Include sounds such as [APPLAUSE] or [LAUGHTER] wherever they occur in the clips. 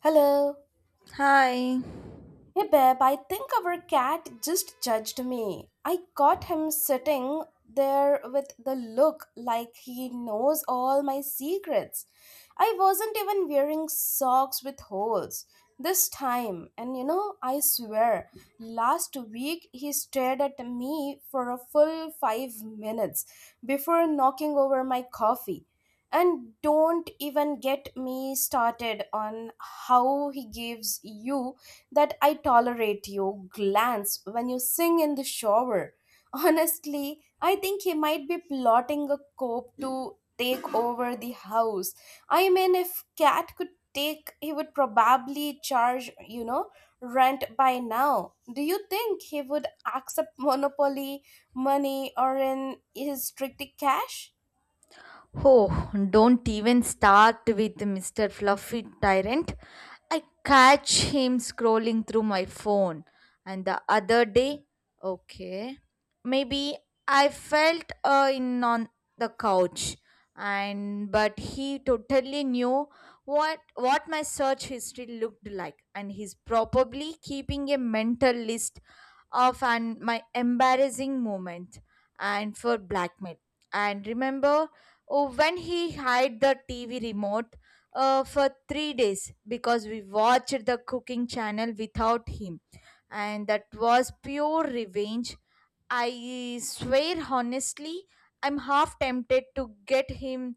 Hello. Hi. Hey babe, I think our cat just judged me. I caught him sitting there with the look like he knows all my secrets. I wasn't even wearing socks with holes this time, and you know, I swear, last week he stared at me for a full 5 minutes before knocking over my coffee. And don't even get me started on how he gives you that I tolerate you glance when you sing in the shower. [LAUGHS] Honestly, I think he might be plotting a coup to take over the house. I mean, if Cat could take, he would probably charge, you know, rent by now. Do you think he would accept monopoly money or in his strictly cash? Oh, don't even start with Mr. Fluffy Tyrant. I catch him scrolling through my phone. And the other day, okay, maybe I felt in on the couch and but he totally knew what my search history looked like, and he's probably keeping a mental list of and my embarrassing moment and for blackmail. And remember, oh, when he hid the TV remote for three days because we watched the cooking channel without him, and that was pure revenge. I swear, honestly, I'm half tempted to get him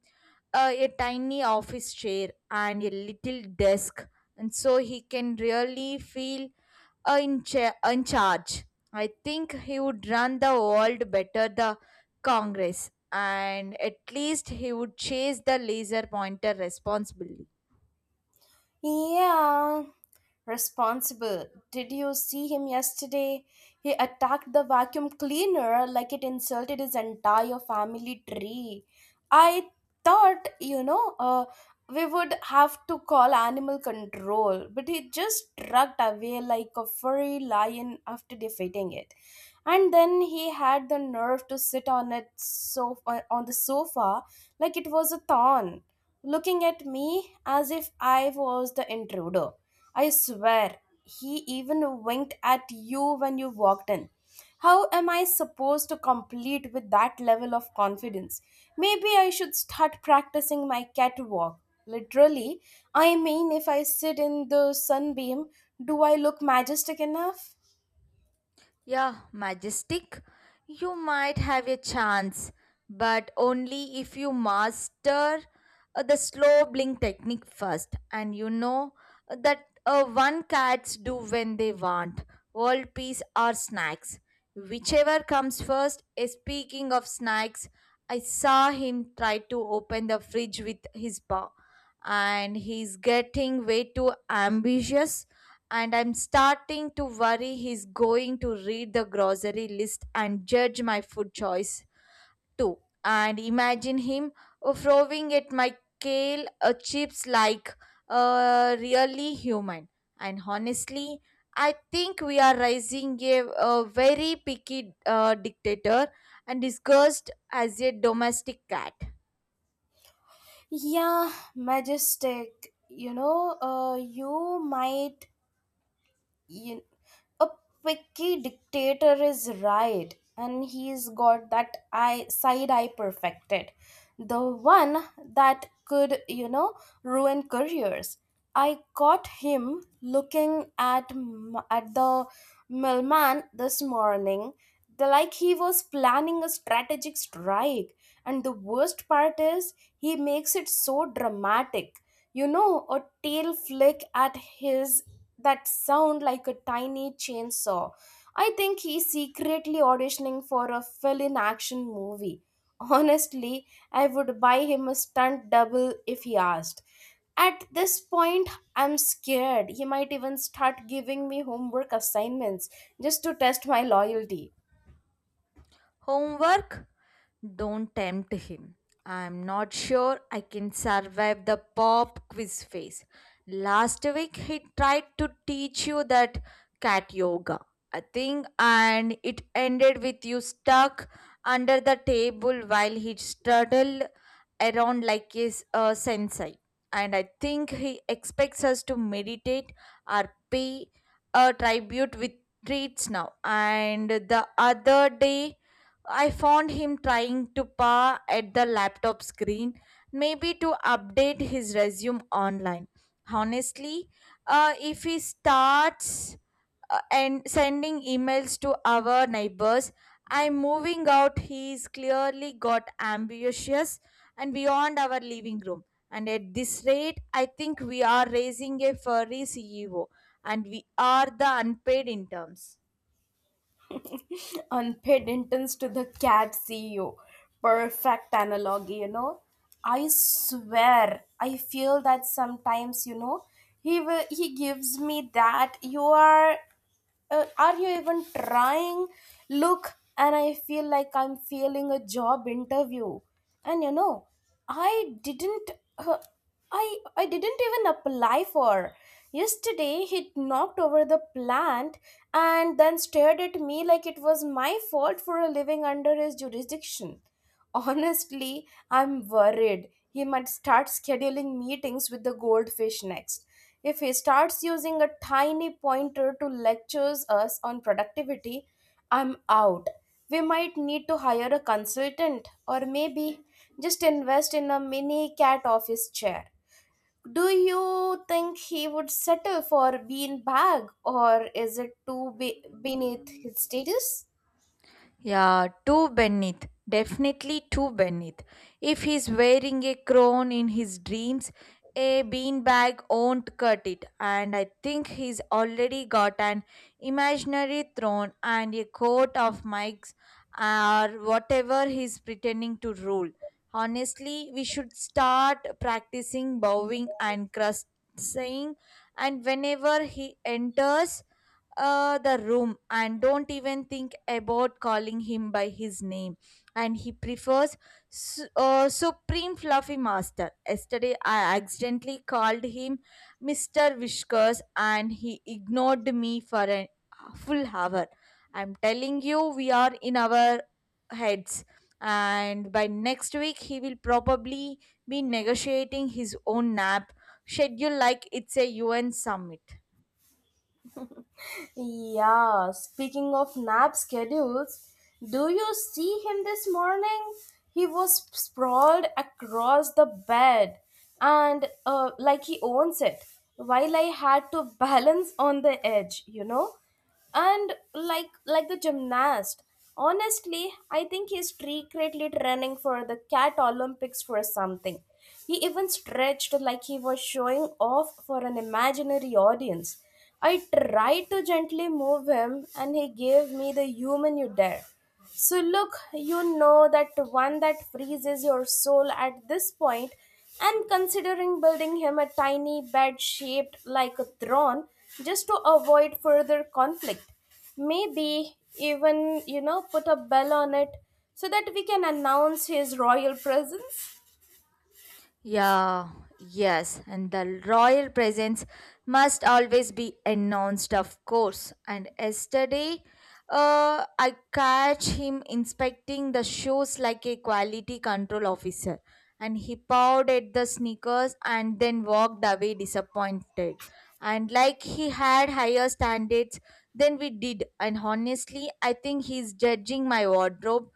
a tiny office chair and a little desk, and so he can really feel in charge. I think he would run the world better the Congress, and at least he would chase the laser pointer responsibly. Yeah, responsible. Did you see him yesterday? He attacked the vacuum cleaner like it insulted his entire family tree. I thought, we would have to call animal control, but he just dragged away like a furry lion after defeating it. And then he had the nerve to sit on it, on the sofa like it was a thorn, looking at me as if I was the intruder. I swear, he even winked at you when you walked in. How am I supposed to complete with that level of confidence? Maybe I should start practicing my catwalk. Literally, I mean, if I sit in the sunbeam, do I look majestic enough? Yeah, majestic. You might have a chance, but only if you master the slow blink technique first. And you know that one cats do when they want world peace or snacks. Whichever comes first. Speaking of snacks, I saw him try to open the fridge with his paw, and he's getting way too ambitious, and I'm starting to worry he's going to read the grocery list and judge my food choice too. And imagine him throwing at my kale chips like a really human. And honestly, I think we are raising a very picky dictator and disgust as a domestic cat. Yeah, majestic. You, a picky dictator is right, and he's got that eye side eye perfected, the one that could, you know, ruin careers. I caught him looking at the mailman this morning, the, like he was planning a strategic strike. And the worst part is he makes it so dramatic, you know, a tail flick at his that sound like a tiny chainsaw. I think he's secretly auditioning for a fill in action movie. [LAUGHS] Honestly, I would buy him a stunt double if he asked. At this point, I'm scared. He might even start giving me homework assignments just to test my loyalty. Homework? Don't tempt him. I'm not sure I can survive the pop quiz phase. Last week he tried to teach you that cat yoga, I think, and it ended with you stuck under the table while he straddled around like his sensei. And I think he expects us to meditate or pay a tribute with treats now. And the other day, I found him trying to paw at the laptop screen, maybe to update his resume online. Honestly, if he starts and sending emails to our neighbors, I'm moving out. He's clearly got ambitious and beyond our living room. And at this rate, I think we are raising a furry CEO, and we are the unpaid interns. [LAUGHS] Unpaid interns to the cat CEO. Perfect analogy, you know. I swear, I feel that sometimes, you know, he gives me that you are you even trying look, and I feel like I'm failing a job interview. And you know, i didn't uh, I didn't even apply for. Yesterday he knocked over the plant and then stared at me like it was my fault for living under his jurisdiction. Honestly, I'm worried he might start scheduling meetings with the goldfish next. If he starts using a tiny pointer to lectures us on productivity, I'm out. We might need to hire a consultant or maybe just invest in a mini cat office chair. Do you think he would settle for bean bag or is it too beneath his status? Yeah, too beneath. Definitely too beneath. If he's wearing a crown in his dreams, a beanbag won't cut it. And I think he's already got an imaginary throne and a coat of mics or whatever he's pretending to rule. Honestly, we should start practicing bowing and crust saying and whenever he enters the room, and don't even think about calling him by his name. And he prefers Supreme Fluffy Master. Yesterday, I accidentally called him Mr. Whiskers and he ignored me for a full hour. I'm telling you, we are in our heads. And by next week, he will probably be negotiating his own nap schedule like it's a UN summit. Yeah, speaking of nap schedules, do you see him this morning? He was sprawled across the bed and like he owns it, while I had to [LAUGHS] balance on the edge, you know, and like the gymnast. Honestly, I think he's secretly training for the cat olympics for something. He even stretched like he was showing off for an imaginary audience. I tried to gently move him and he gave me the human you dare so look, you know, that one that freezes your soul. At this point, and considering building him a tiny bed shaped like a throne just to avoid further conflict. Maybe even, you know, put a bell on it so that we can announce his royal presence. Yeah, yes, and the royal presence must always be announced, of course. And yesterday, I catch him inspecting the shoes like a quality control officer, and he pawed at the sneakers and then walked away disappointed. And like he had higher standards than we did, and honestly, I think he's judging my wardrobe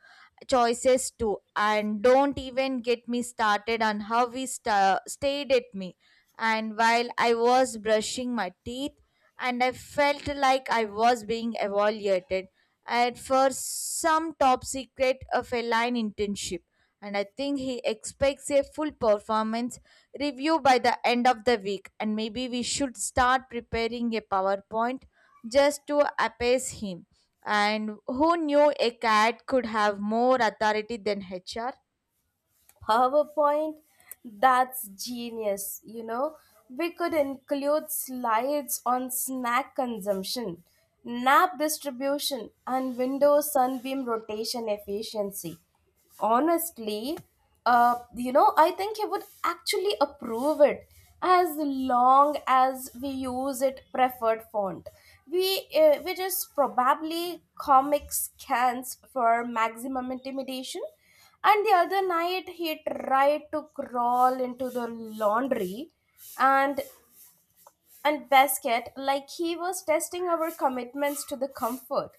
choices too, and don't even get me started on how we stayed at me and while I was brushing my teeth, and I felt like I was being evaluated and for some top secret of a line internship. And I think he expects a full performance review by the end of the week. And maybe we should start preparing a PowerPoint just to appease him. And who knew a cat could have more authority than HR? PowerPoint, that's genius, you know. We could include slides on snack consumption, nap distribution, and window sunbeam rotation efficiency. Honestly, you know, I think he would actually approve it as long as we use it preferred font. Which is probably comic scans for maximum intimidation. And the other night, he tried to crawl into the laundry, and and basket like he was testing our commitments to the comfort.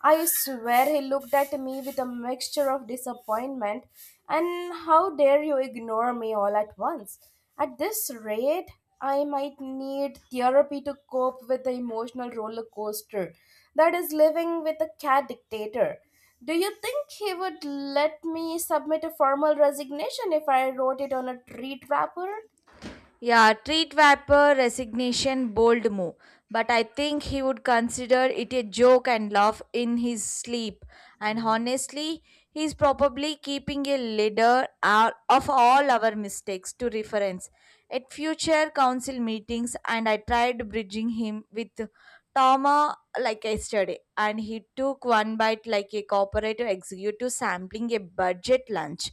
I swear he looked at me with a mixture of disappointment and how dare you ignore me all at once. At this rate, I might need therapy to cope with the emotional roller coaster that is living with a cat dictator. Do you think he would let me submit a formal resignation if I wrote it on a treat wrapper? Yeah, treat Vapor resignation, bold move, but I think he would consider it a joke and laugh in his sleep. And honestly, he's probably keeping a leader out of all our mistakes to reference at future council meetings. And I tried bridging him with Toma like yesterday, and he took one bite like a corporate executive sampling a budget lunch,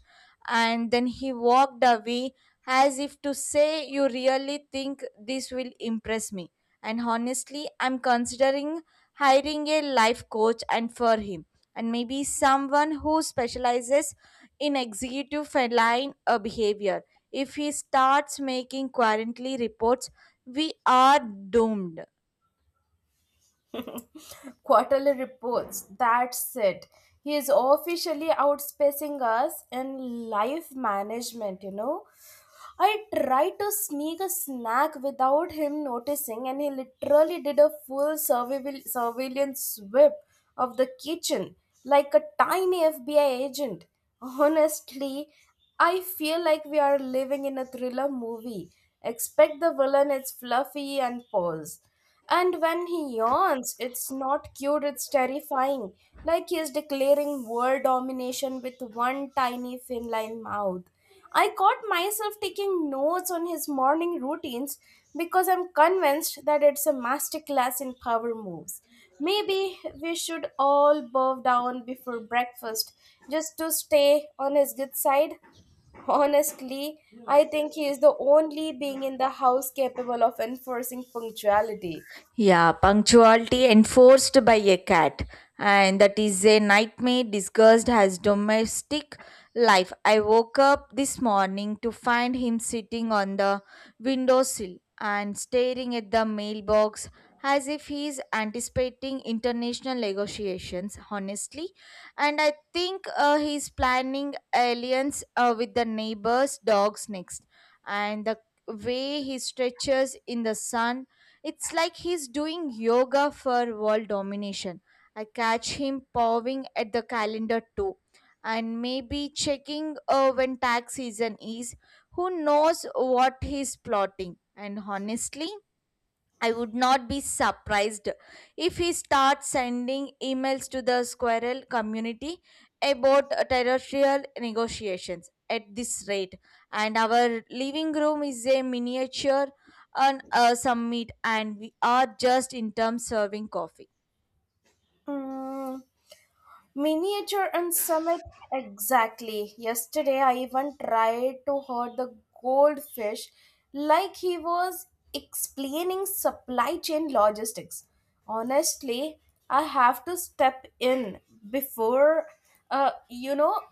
and then he walked away as if to say, "You really think this will impress me?" And honestly, I'm considering hiring a life coach and for him, and maybe someone who specializes in executive feline behavior. If he starts making quarterly reports, we are doomed. Quarterly reports. That's it. He is officially outspacing us in life management, you know. I tried to sneak a snack without him noticing, and he literally did a full survival surveillance sweep of the kitchen like a tiny FBI agent. Honestly, I feel like we are living in a thriller movie. Expect the villain is fluffy and pose. And when he yawns, it's not cute, it's terrifying. Like he is declaring world domination with one tiny feline mouth. I caught myself taking notes on his morning routines because I'm convinced that it's a masterclass in power moves. Maybe we should all bow down before breakfast just to stay on his good side. Honestly, I think he is the only being in the house capable of enforcing punctuality. Yeah, punctuality enforced by a cat, and that is a nightmare disguised as domestic life. I woke up this morning to find him sitting on the windowsill and staring at the mailbox as if he is anticipating international negotiations, honestly. And I think he is planning alliance with the neighbor's dogs next. And the way he stretches in the sun, it's like he's doing yoga for world domination. I catch him pawing at the calendar too, and maybe checking when tax season is. Who knows what he's plotting? And honestly, I would not be surprised if he starts sending emails to the squirrel community about territorial negotiations at this rate. And our living room is a miniature on a summit, and we are just in terms serving coffee. Mm, miniature and summit exactly. Yesterday, I even tried to hurt the goldfish like he was explaining supply chain logistics. Honestly, I have to step in before, you know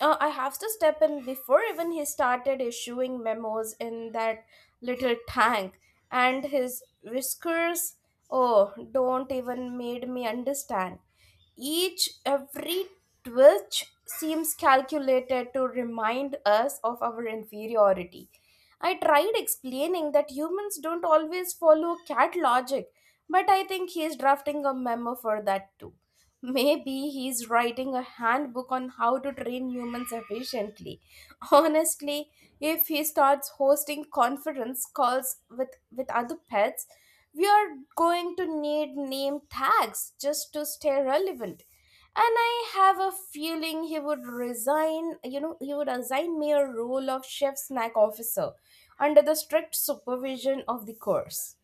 I have to step in before even he started issuing memos in that little tank. And his whiskers, oh, don't even made me understand. Each, every twitch seems calculated to remind us of our inferiority. I tried explaining that humans don't always follow cat logic, but I think he is drafting a memo for that too. Maybe he's writing a handbook on how to train humans efficiently. [LAUGHS] Honestly, if he starts hosting conference calls with other pets, we are going to need name tags just to stay relevant. And I have a feeling he would resign, you know, he would assign me a role of chef snack officer under the strict supervision of the course.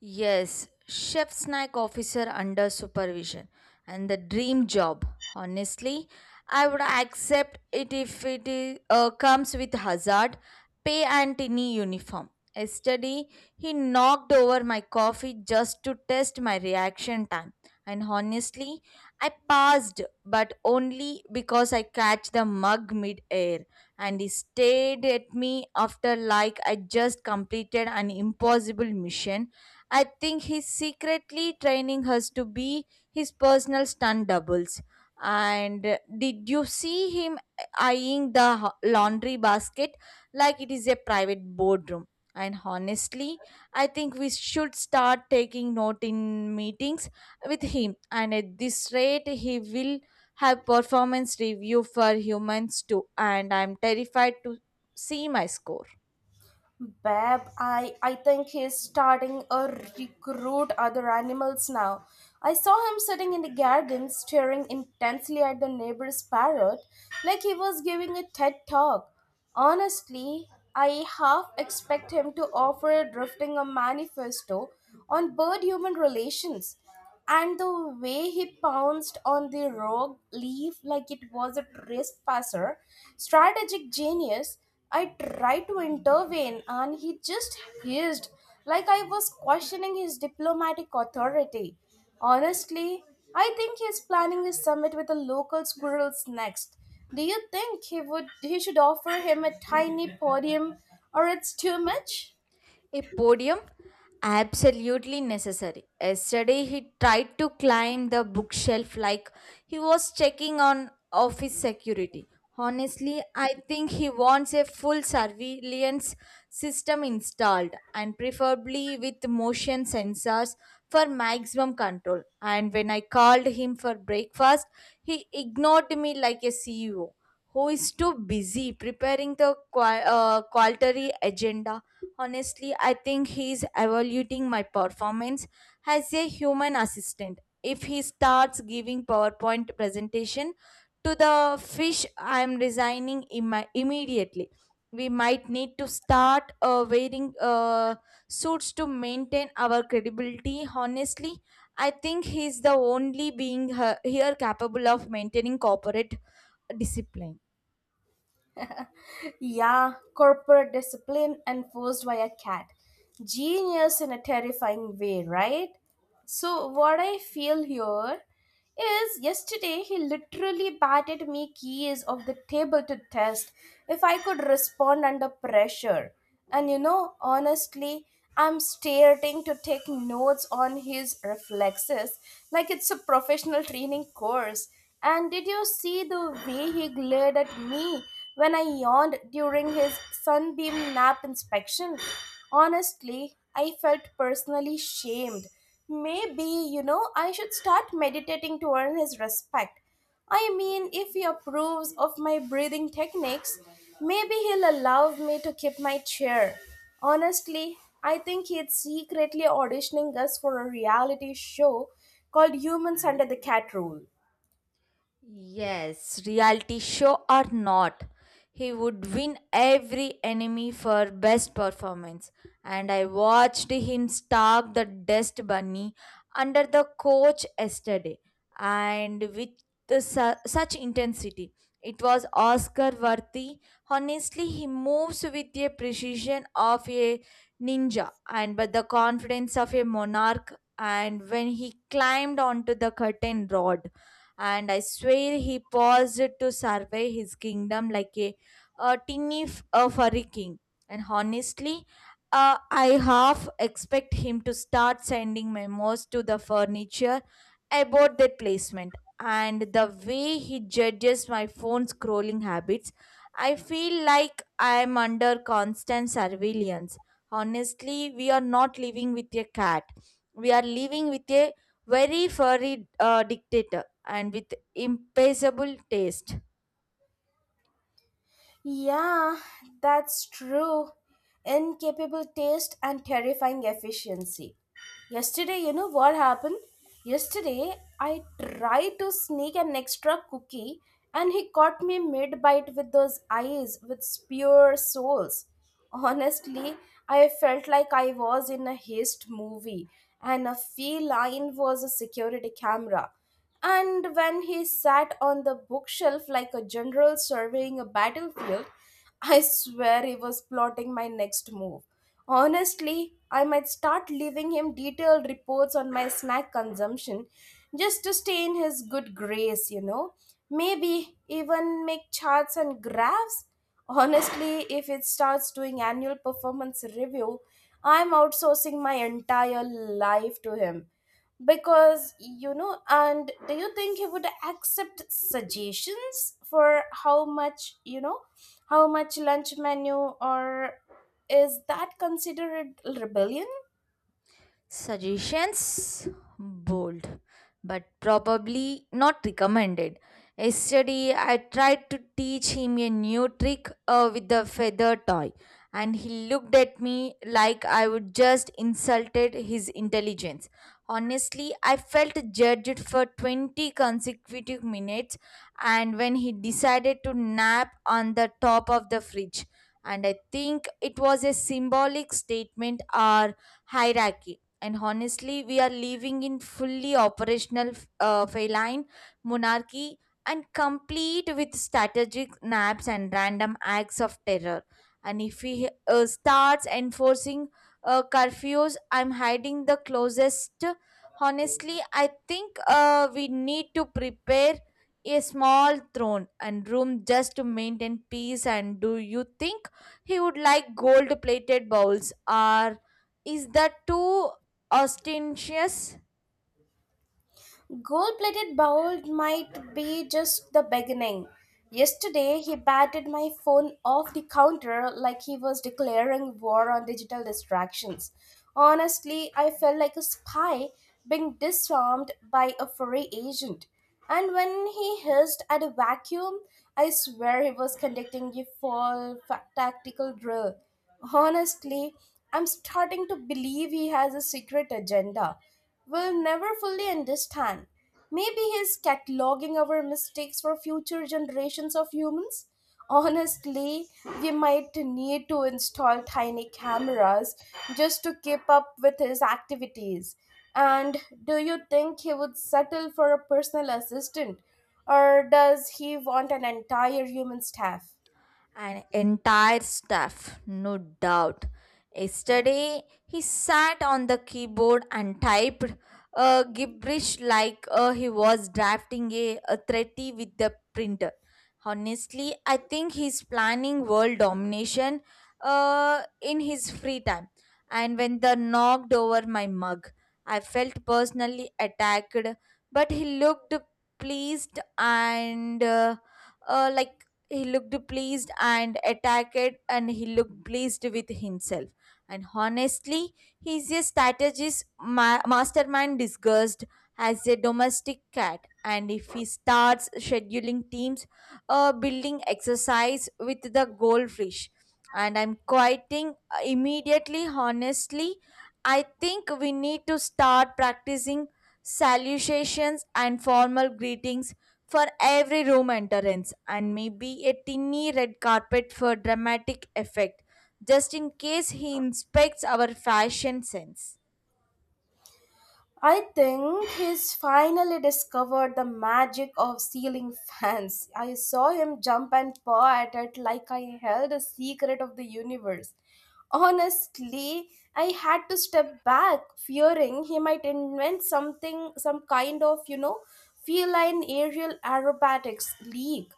Yes, chef snack officer under supervision, and the dream job. Honestly, I would accept it if it comes with hazard pay and tiny uniform. Yesterday, he knocked over my coffee just to test my reaction time. And honestly, I passed, but only because I catch the mug mid-air. And he stared at me after like I just completed an impossible mission. I think he's secretly training her to be his personal stunt doubles. And did you see him eyeing the laundry basket like it is a private boardroom? And honestly, I think we should start taking note in meetings with him. And at this rate, he will have performance review for humans too. And I'm terrified to see my score. Babe, I think he's starting a recruit other animals now. I saw him sitting in the garden staring intensely at the neighbor's parrot like he was giving a TED talk. Honestly, I half expect him to offer drifting a manifesto on bird human relations. And the way he pounced on the rogue leaf like it was a wrist passer, strategic genius. I tried to intervene and he just hissed like I was questioning his diplomatic authority. Honestly, I think he's planning his summit with the local squirrels next. Do you think he should offer him a tiny podium or it's too much? A podium? Absolutely necessary. Yesterday he tried to climb the bookshelf like he was checking on office security. Honestly, I think he wants a full surveillance system installed, and preferably with motion sensors for maximum control. And when I called him for breakfast, he ignored me like a CEO who is too busy preparing the quarterly agenda. Honestly, I think he's evaluating my performance as a human assistant. If he starts giving PowerPoint presentation to the fish, I'm resigning imma immediately. We might need to start wearing suits to maintain our credibility. Honestly, I think he's the only being here capable of maintaining corporate discipline. Yeah, corporate discipline enforced by a cat. Genius in a terrifying way, right? So, what I feel here is yesterday he literally batted me keys of the table to test if I could respond under pressure. And you know, honestly, I'm starting to take notes on his reflexes like it's a professional training course. And did you see the way he glared at me when I yawned during his sunbeam nap inspection? Honestly, I felt personally shamed. Maybe, you know, I should start meditating to earn his respect. I mean, if he approves of my breathing techniques, maybe he'll allow me to keep my chair. Honestly, I think he's secretly auditioning us for a reality show called Humans Under the Cat Rule. Yes, reality show or not, he would win every enemy for best performance. And I watched him stalk the dust bunny under the coach yesterday, and with such intensity. It was Oscar worthy. Honestly, he moves with a precision of a ninja and but the confidence of a monarch. And when he climbed onto the curtain rod, and I swear he paused to survey his kingdom like a a furry king. And honestly, I half expect him to start sending memos to the furniture about their placement. And the way he judges my phone scrolling habits, I feel like I am under constant surveillance. Honestly, we are not living with a cat. We are living with a very furry dictator and with impeccable taste. Yeah, that's true. Incapable taste and terrifying efficiency. Yesterday, you know what happened? Yesterday, I tried to sneak an extra cookie and he caught me mid bite with those eyes, with pure souls. Honestly, I felt like I was in a heist movie and a feline was a security camera. And when he sat on the bookshelf like a general surveying a battlefield, [LAUGHS] I swear he was plotting my next move. Honestly, I might start leaving him detailed reports on my snack consumption just to stay in his good grace, you know. Maybe even make charts and graphs. Honestly, if it starts doing annual performance review, I'm outsourcing my entire life to him. Because you know, and do you think he would accept suggestions for how much, you know, how much lunch menu or is that considered rebellion? Suggestions bold, but probably not recommended. Yesterday, I tried to teach him a new trick with the feather toy, and he looked at me like I would just insulted his intelligence. Honestly, I felt judged for 20 consecutive minutes, and when he decided to nap on the top of the fridge, and I think it was a symbolic statement or hierarchy. And honestly, we are living in fully operational feline monarchy, and complete with strategic naps and random acts of terror. And if he starts enforcing curfews, I'm hiding the closest. Honestly, I think we need to prepare a small throne and room just to maintain peace. And do you think he would like gold plated bowls, or is that too ostentatious? Gold plated bowl might be just the beginning. Yesterday, he batted my phone off the counter like he was declaring war on digital distractions. Honestly, I felt like a spy being disarmed by a foreign agent. And when he hissed at a vacuum, I swear he was conducting a full tactical drill. Honestly, I'm starting to believe he has a secret agenda will never fully understand. Maybe he's cataloging our mistakes for future generations of humans. Honestly, we might need to install tiny cameras just to keep up with his activities. And do you think he would settle for a personal assistant? Or does he want an entire human staff? An entire staff, no doubt. Yesterday, he sat on the keyboard and typed gibberish like he was drafting a treaty with the printer. Honestly, I think he's planning world domination in his free time. And when the knocked over my mug, I felt personally attacked, but pleased and uh, uh, like he looked pleased and attacked and he looked pleased with himself. And honestly, he's a strategist mastermind disguised as a domestic cat. And if he starts scheduling teams building exercise with the goldfish, and I'm quieting immediately. Honestly, I think we need to start practicing salutations and formal greetings for every room entrance, and maybe a tiny red carpet for dramatic effect just in case he inspects our fashion sense. I think he's finally discovered the magic of ceiling fans. I saw him jump and paw at it like I held a secret of the universe. Honestly, I had to step back, fearing he might invent something, some kind of, feline aerial aerobatics league.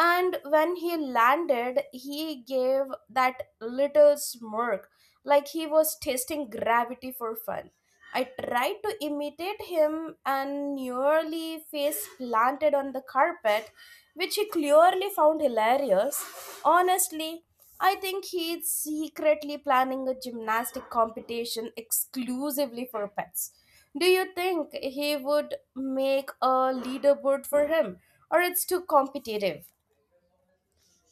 And when he landed, he gave that little smirk, like he was testing gravity for fun. I tried to imitate him and nearly face planted on the carpet, which he clearly found hilarious. Honestly, I think he's secretly planning a gymnastic competition exclusively for pets. Do you think he would make a leaderboard for him, or it's too competitive?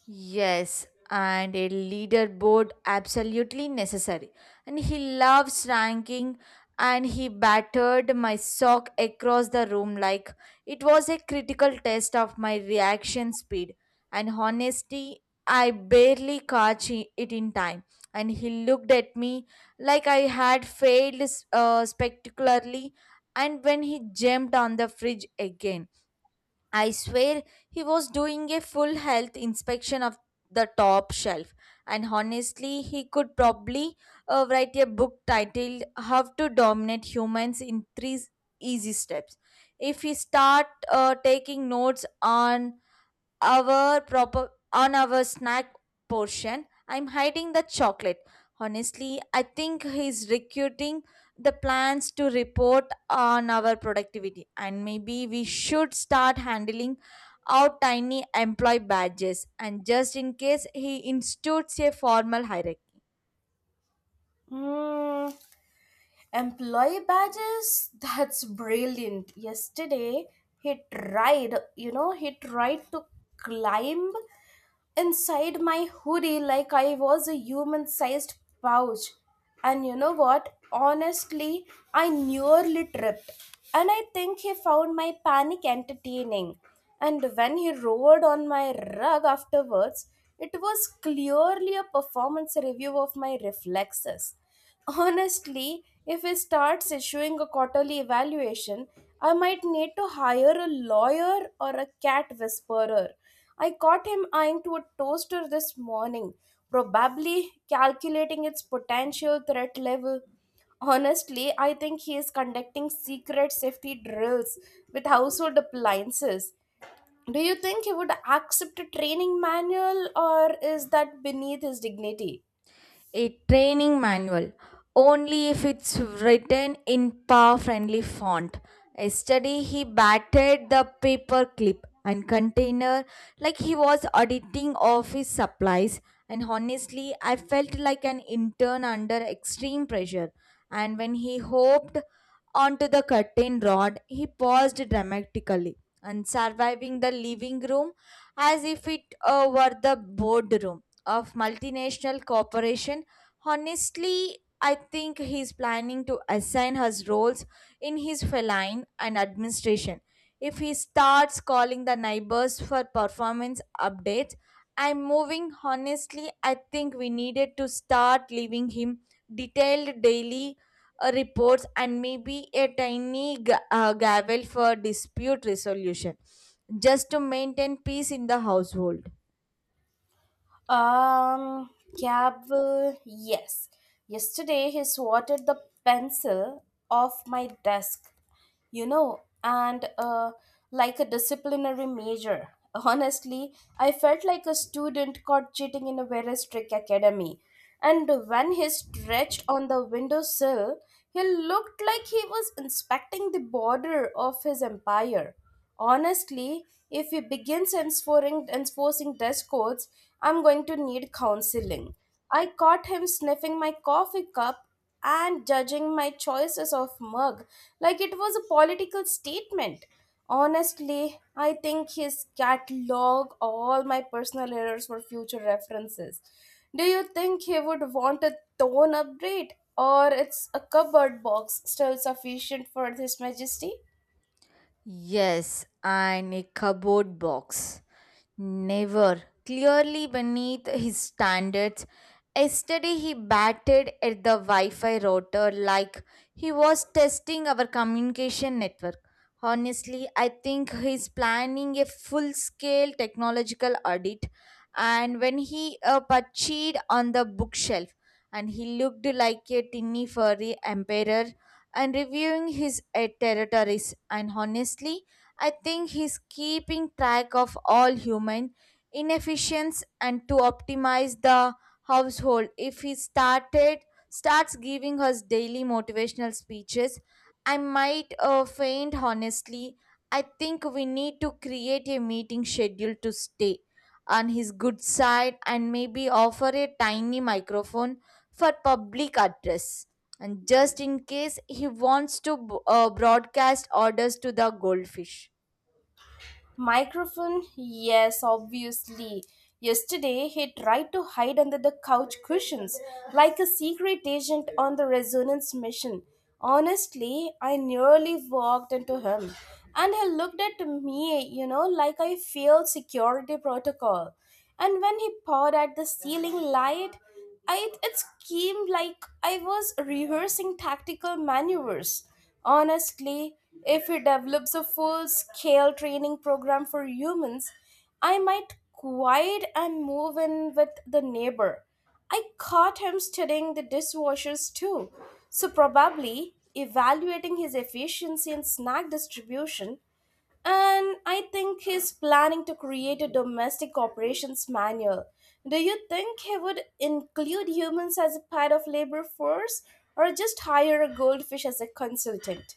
Yes, and a leaderboard absolutely necessary. And he loves ranking, and he battered my sock across the room like it was a critical test of my reaction speed and honesty. I barely caught it in time, and he looked at me like I had failed spectacularly. And when he jumped on the fridge again, I swear he was doing a full health inspection of the top shelf. And honestly, he could probably write a book titled How to Dominate Humans in Three Easy Steps. If we start taking notes on our proper on our snack portion. I'm hiding the chocolate. Honestly, I think he's recruiting the plans to report on our productivity, and maybe we should start handling out tiny employee badges and just in case he institutes a formal hierarchy. Hmm. Employee badges? That's brilliant. Yesterday, he tried, he tried to climb inside my hoodie like I was a human sized pouch. And you know what? Honestly, I nearly tripped. And I think he found my panic entertaining. And when he roared on my rug afterwards, it was clearly a performance review of my reflexes. Honestly, if he starts issuing a quarterly evaluation, I might need to hire a lawyer or a cat whisperer. I caught him eyeing to a toaster this morning, probably calculating its potential threat level. Honestly, I think he is conducting secret safety drills with household appliances. Do you think he would accept a training manual, or is that beneath his dignity? A training manual only if it's written in paw friendly font. Yesterday, he batted the paper clip and container like he was auditing office supplies. And honestly, I felt like an intern under extreme pressure. And when he hopped onto the curtain rod, he paused dramatically. And surviving the living room, as if it were the boardroom of multinational corporation. Honestly, I think he's planning to assign his roles in his feline and administration. If he starts calling the neighbors for performance updates, I'm moving. Honestly, I think we needed to start leaving him detailed daily reports and maybe a tiny gavel for dispute resolution just to maintain peace in the household. Um, Cab, yes. Yesterday he swatted the pencil off my desk, and like a disciplinary measure. [LAUGHS] Honestly, I felt like a student caught cheating in a very strict academy. And when he stretched on the windowsill, he looked like he was inspecting the border of his empire. Honestly, if he begins enforcing dress codes, I'm going to need counseling. I caught him sniffing my coffee cup and judging my choices of mug like it was a political statement. Honestly, I think he's catalog all my personal errors for future references. Do you think he would want a tone upgrade, or it's a cupboard box still sufficient for his majesty? Yes, and a cupboard box. Never. Clearly beneath his standards. Yesterday he batted at the Wi Fi router like he was testing our communication network. Honestly, I think he's planning a full scale technological audit. And when he perched on the bookshelf, and he looked like a tinny furry emperor and reviewing his territories, and honestly, I think he's keeping track of all human inefficiencies and to optimize the household. If he started starts giving us daily motivational speeches, I might faint honestly. I think we need to create a meeting schedule to stay on his good side and maybe offer a tiny microphone for public address and just in case he wants to broadcast orders to the goldfish. Microphone? Yes, obviously. Yesterday, he tried to hide under the couch cushions like a secret agent on the resonance mission. Honestly, I nearly walked into him. And he looked at me, like I failed security protocol. And when he pawed at the ceiling light, I, it, came like I was rehearsing tactical maneuvers. Honestly, if he develops a full scale training program for humans, I might quiet and move in with the neighbor. I caught him studying the dishwashers too, so probably evaluating his efficiency in snack distribution, and I think he's planning to create a domestic operations manual. Do you think he would include humans as a part of labor force, or just hire a goldfish as a consultant?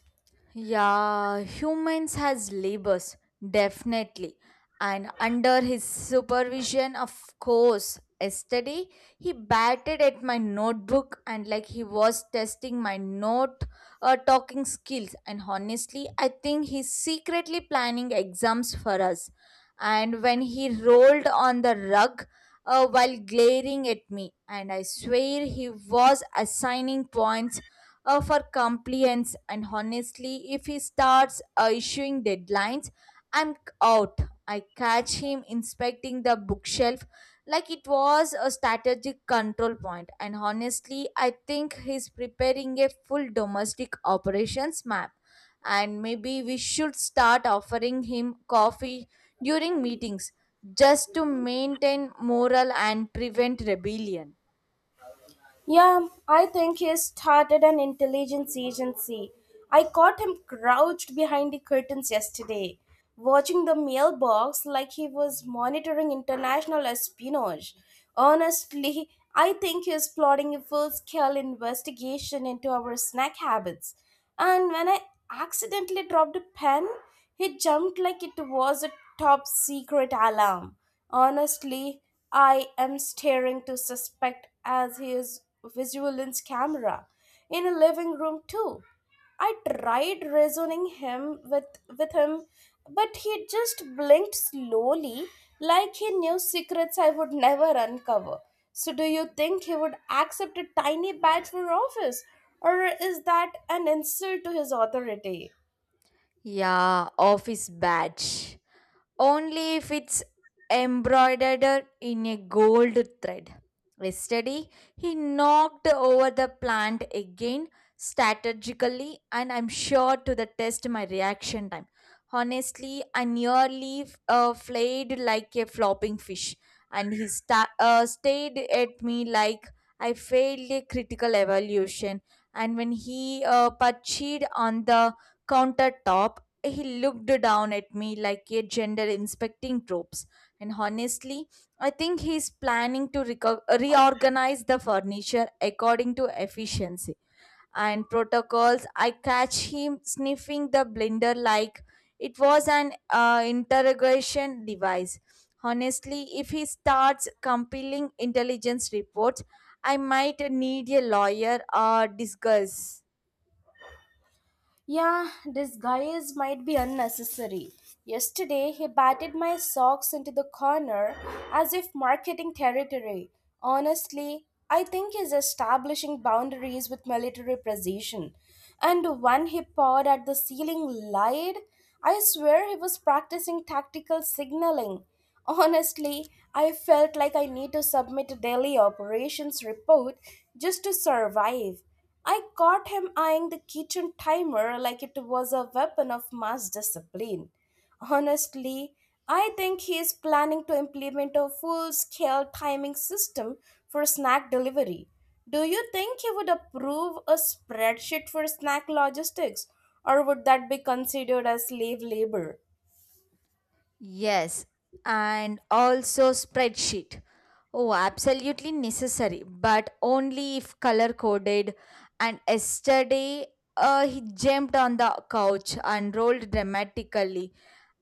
Yeah, humans has labors, definitely. And under his supervision, of course. Yesterday, he batted at my notebook and like he was testing my note talking skills. And honestly, I think he's secretly planning exams for us. And when he rolled on the rug while glaring at me, and I swear he was assigning points for compliance. And honestly, if he starts issuing deadlines, I'm out. I catch him inspecting the bookshelf like it was a strategic control point. And honestly, I think he's preparing a full domestic operations map, and maybe we should start offering him coffee during meetings just to maintain morale and prevent rebellion. Yeah, I think he started an intelligence agency. I caught him crouched behind the curtains yesterday, watching the mailbox like he was monitoring international espionage. Honestly, I think he is plotting a full scale investigation into our snack habits. And when I accidentally dropped a pen, he jumped like it was a top secret alarm. Honestly, I am staring to suspect as he is vigilance camera in a living room too. I tried reasoning him with him, but he just blinked slowly like he knew secrets I would never uncover. So do you think he would accept a tiny badge for office? Or is that an insult to his authority? Yeah, office badge only if it's embroidered in a gold thread. Yesterday, he knocked over the plant again strategically, and I'm sure to the test my reaction time. Honestly, I nearly flayed like a flopping fish, and he stared at me like I failed a critical evaluation. And when he perched on the countertop, he looked down at me like a gender inspecting troops. And honestly, I think he's planning to reorganize the furniture according to efficiency and protocols. I catch him sniffing the blender like it was an interrogation device. Honestly, if he starts compiling intelligence reports, I might need a lawyer or discuss. Yeah, disguise might be unnecessary. Yesterday, he batted my socks into the corner as if marketing territory. Honestly, I think he's establishing boundaries with military precision. And when he pawed at the ceiling light, I swear he was practicing tactical signaling. Honestly, I felt like I need to submit a daily operations report just to survive. I caught him eyeing the kitchen timer like it was a weapon of mass discipline. Honestly, I think he is planning to implement a full scale timing system for snack delivery. Do you think he would approve a spreadsheet for snack logistics, or would that be considered as slave labor? Yes, and also spreadsheet. Oh, absolutely necessary, but only if color coded. And yesterday, he jumped on the couch and rolled dramatically,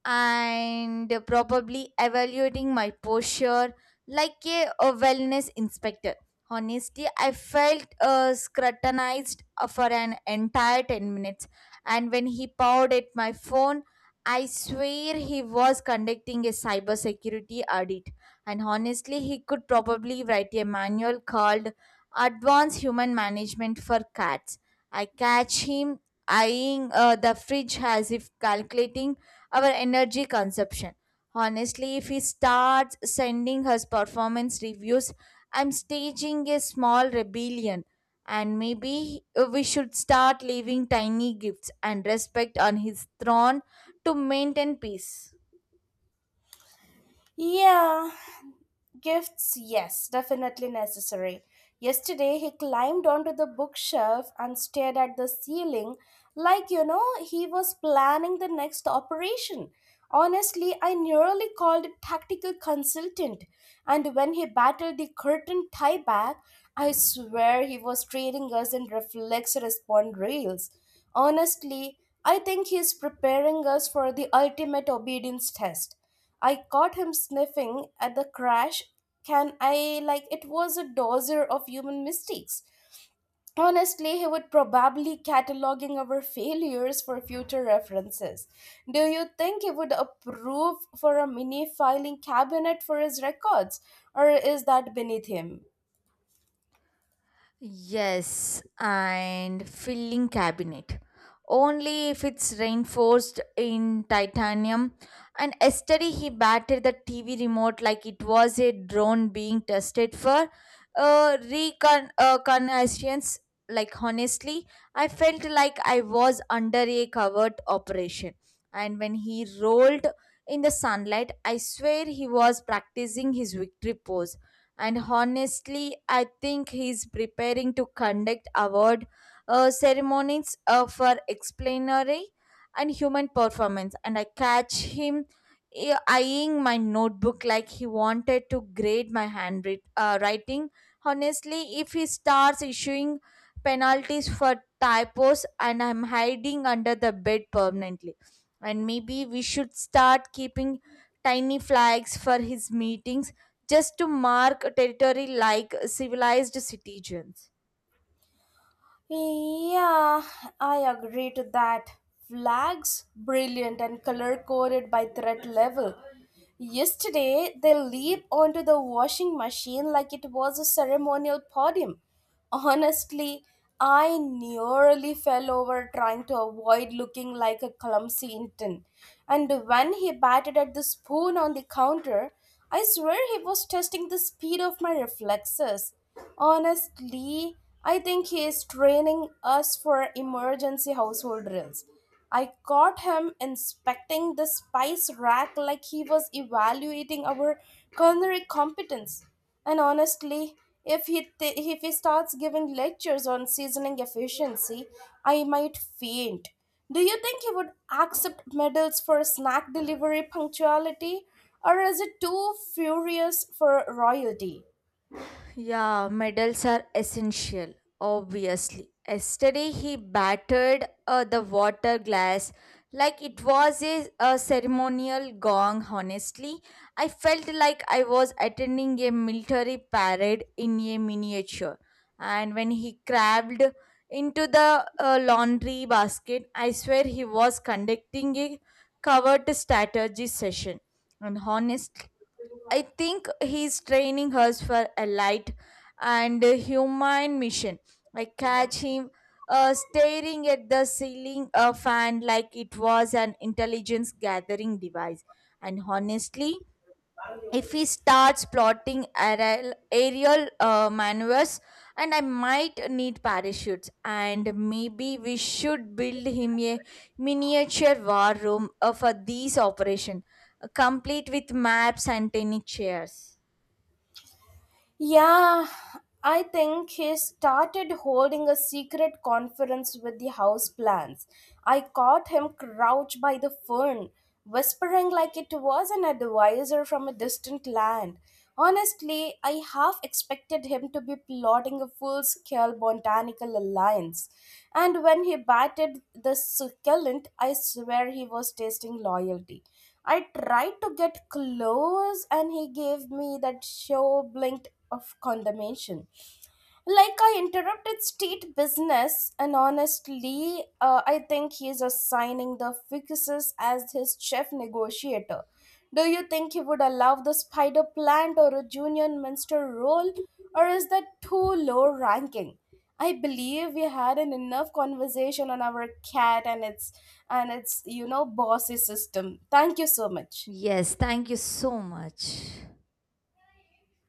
and probably evaluating my posture like a wellness inspector. Honestly, I felt scrutinized for an entire 10 minutes, and when he pawed at my phone, I swear he was conducting a cybersecurity audit, and honestly, he could probably write a manual called Advanced Human Management for Cats. I catch him eyeing the fridge as if calculating our energy consumption. Honestly, if he starts sending us performance reviews, I'm staging a small rebellion. And maybe we should start leaving tiny gifts and respect on his throne to maintain peace. Yeah, gifts, yes, definitely necessary. Yesterday, he climbed onto the bookshelf and stared at the ceiling like, he was planning the next operation. Honestly, I nearly called a tactical consultant. And when he battled the curtain tie back, I swear he was trading us in reflex respond reels. Honestly, I think he's preparing us for the ultimate obedience test. I caught him sniffing at the crash can I like it was a dozer of human mistakes. Honestly, he would probably cataloging our failures for future references. Do you think he would approve for a mini filing cabinet for his records, or is that beneath him? Yes, and filling cabinet. Only if it's reinforced in titanium. And yesterday he battered the TV remote like it was a drone being tested for reconnaissance. Like honestly, I felt like I was under a covert operation. And when he rolled in the sunlight, I swear he was practicing his victory pose. And honestly, I think he's preparing to conduct award ceremonies for explanatory and human performance. And I catch him eyeing my notebook like he wanted to grade my handwriting writing. Honestly, if he starts issuing penalties for typos, and I'm hiding under the bed permanently. And maybe we should start keeping tiny flags for his meetings just to mark territory like civilized citizens. Yeah, I agree to that. Flags, brilliant and color coded by threat level. Yesterday, they leaped onto the washing machine like it was a ceremonial podium. Honestly, I nearly fell over trying to avoid looking like a clumsy intern. And when he batted at the spoon on the counter, I swear he was testing the speed of my reflexes. Honestly, I think he is training us for emergency household drills. I caught him inspecting the spice rack like he was evaluating our culinary competence. And honestly, if he starts giving lectures on seasoning efficiency, I might faint. Do you think he would accept medals for snack delivery punctuality, or is it too furious for royalty? Yeah, medals are essential, obviously. Yesterday, he battered the water glass like it was a ceremonial gong, honestly. I felt like I was attending a military parade in a miniature. And when he crawled into the laundry basket, I swear he was conducting a covert strategy session. And honestly, I think he's training her for a light and humane mission. I catch him staring at the ceiling fan like it was an intelligence gathering device. And honestly, if he starts plotting aerial maneuvers, and I might need parachutes. And maybe we should build him a miniature war room for these operation, complete with maps and tennis chairs. Yeah, I think he started holding a secret conference with the house plants. I caught him crouched by the fern, whispering like it was an advisor from a distant land. Honestly, I half expected him to be plotting a full scale botanical alliance. And when he batted the succulent, I swear he was tasting loyalty. I tried to get close, and he gave me that show blink of condemnation. Like I interrupted state business, and honestly, I think he is assigning the ficus as his chief negotiator. Do you think he would allow the spider plant or a junior minister role, or is that too low ranking? I believe we had an enough conversation on our cat and its bossy system. Thank you so much. Yes, thank you so much.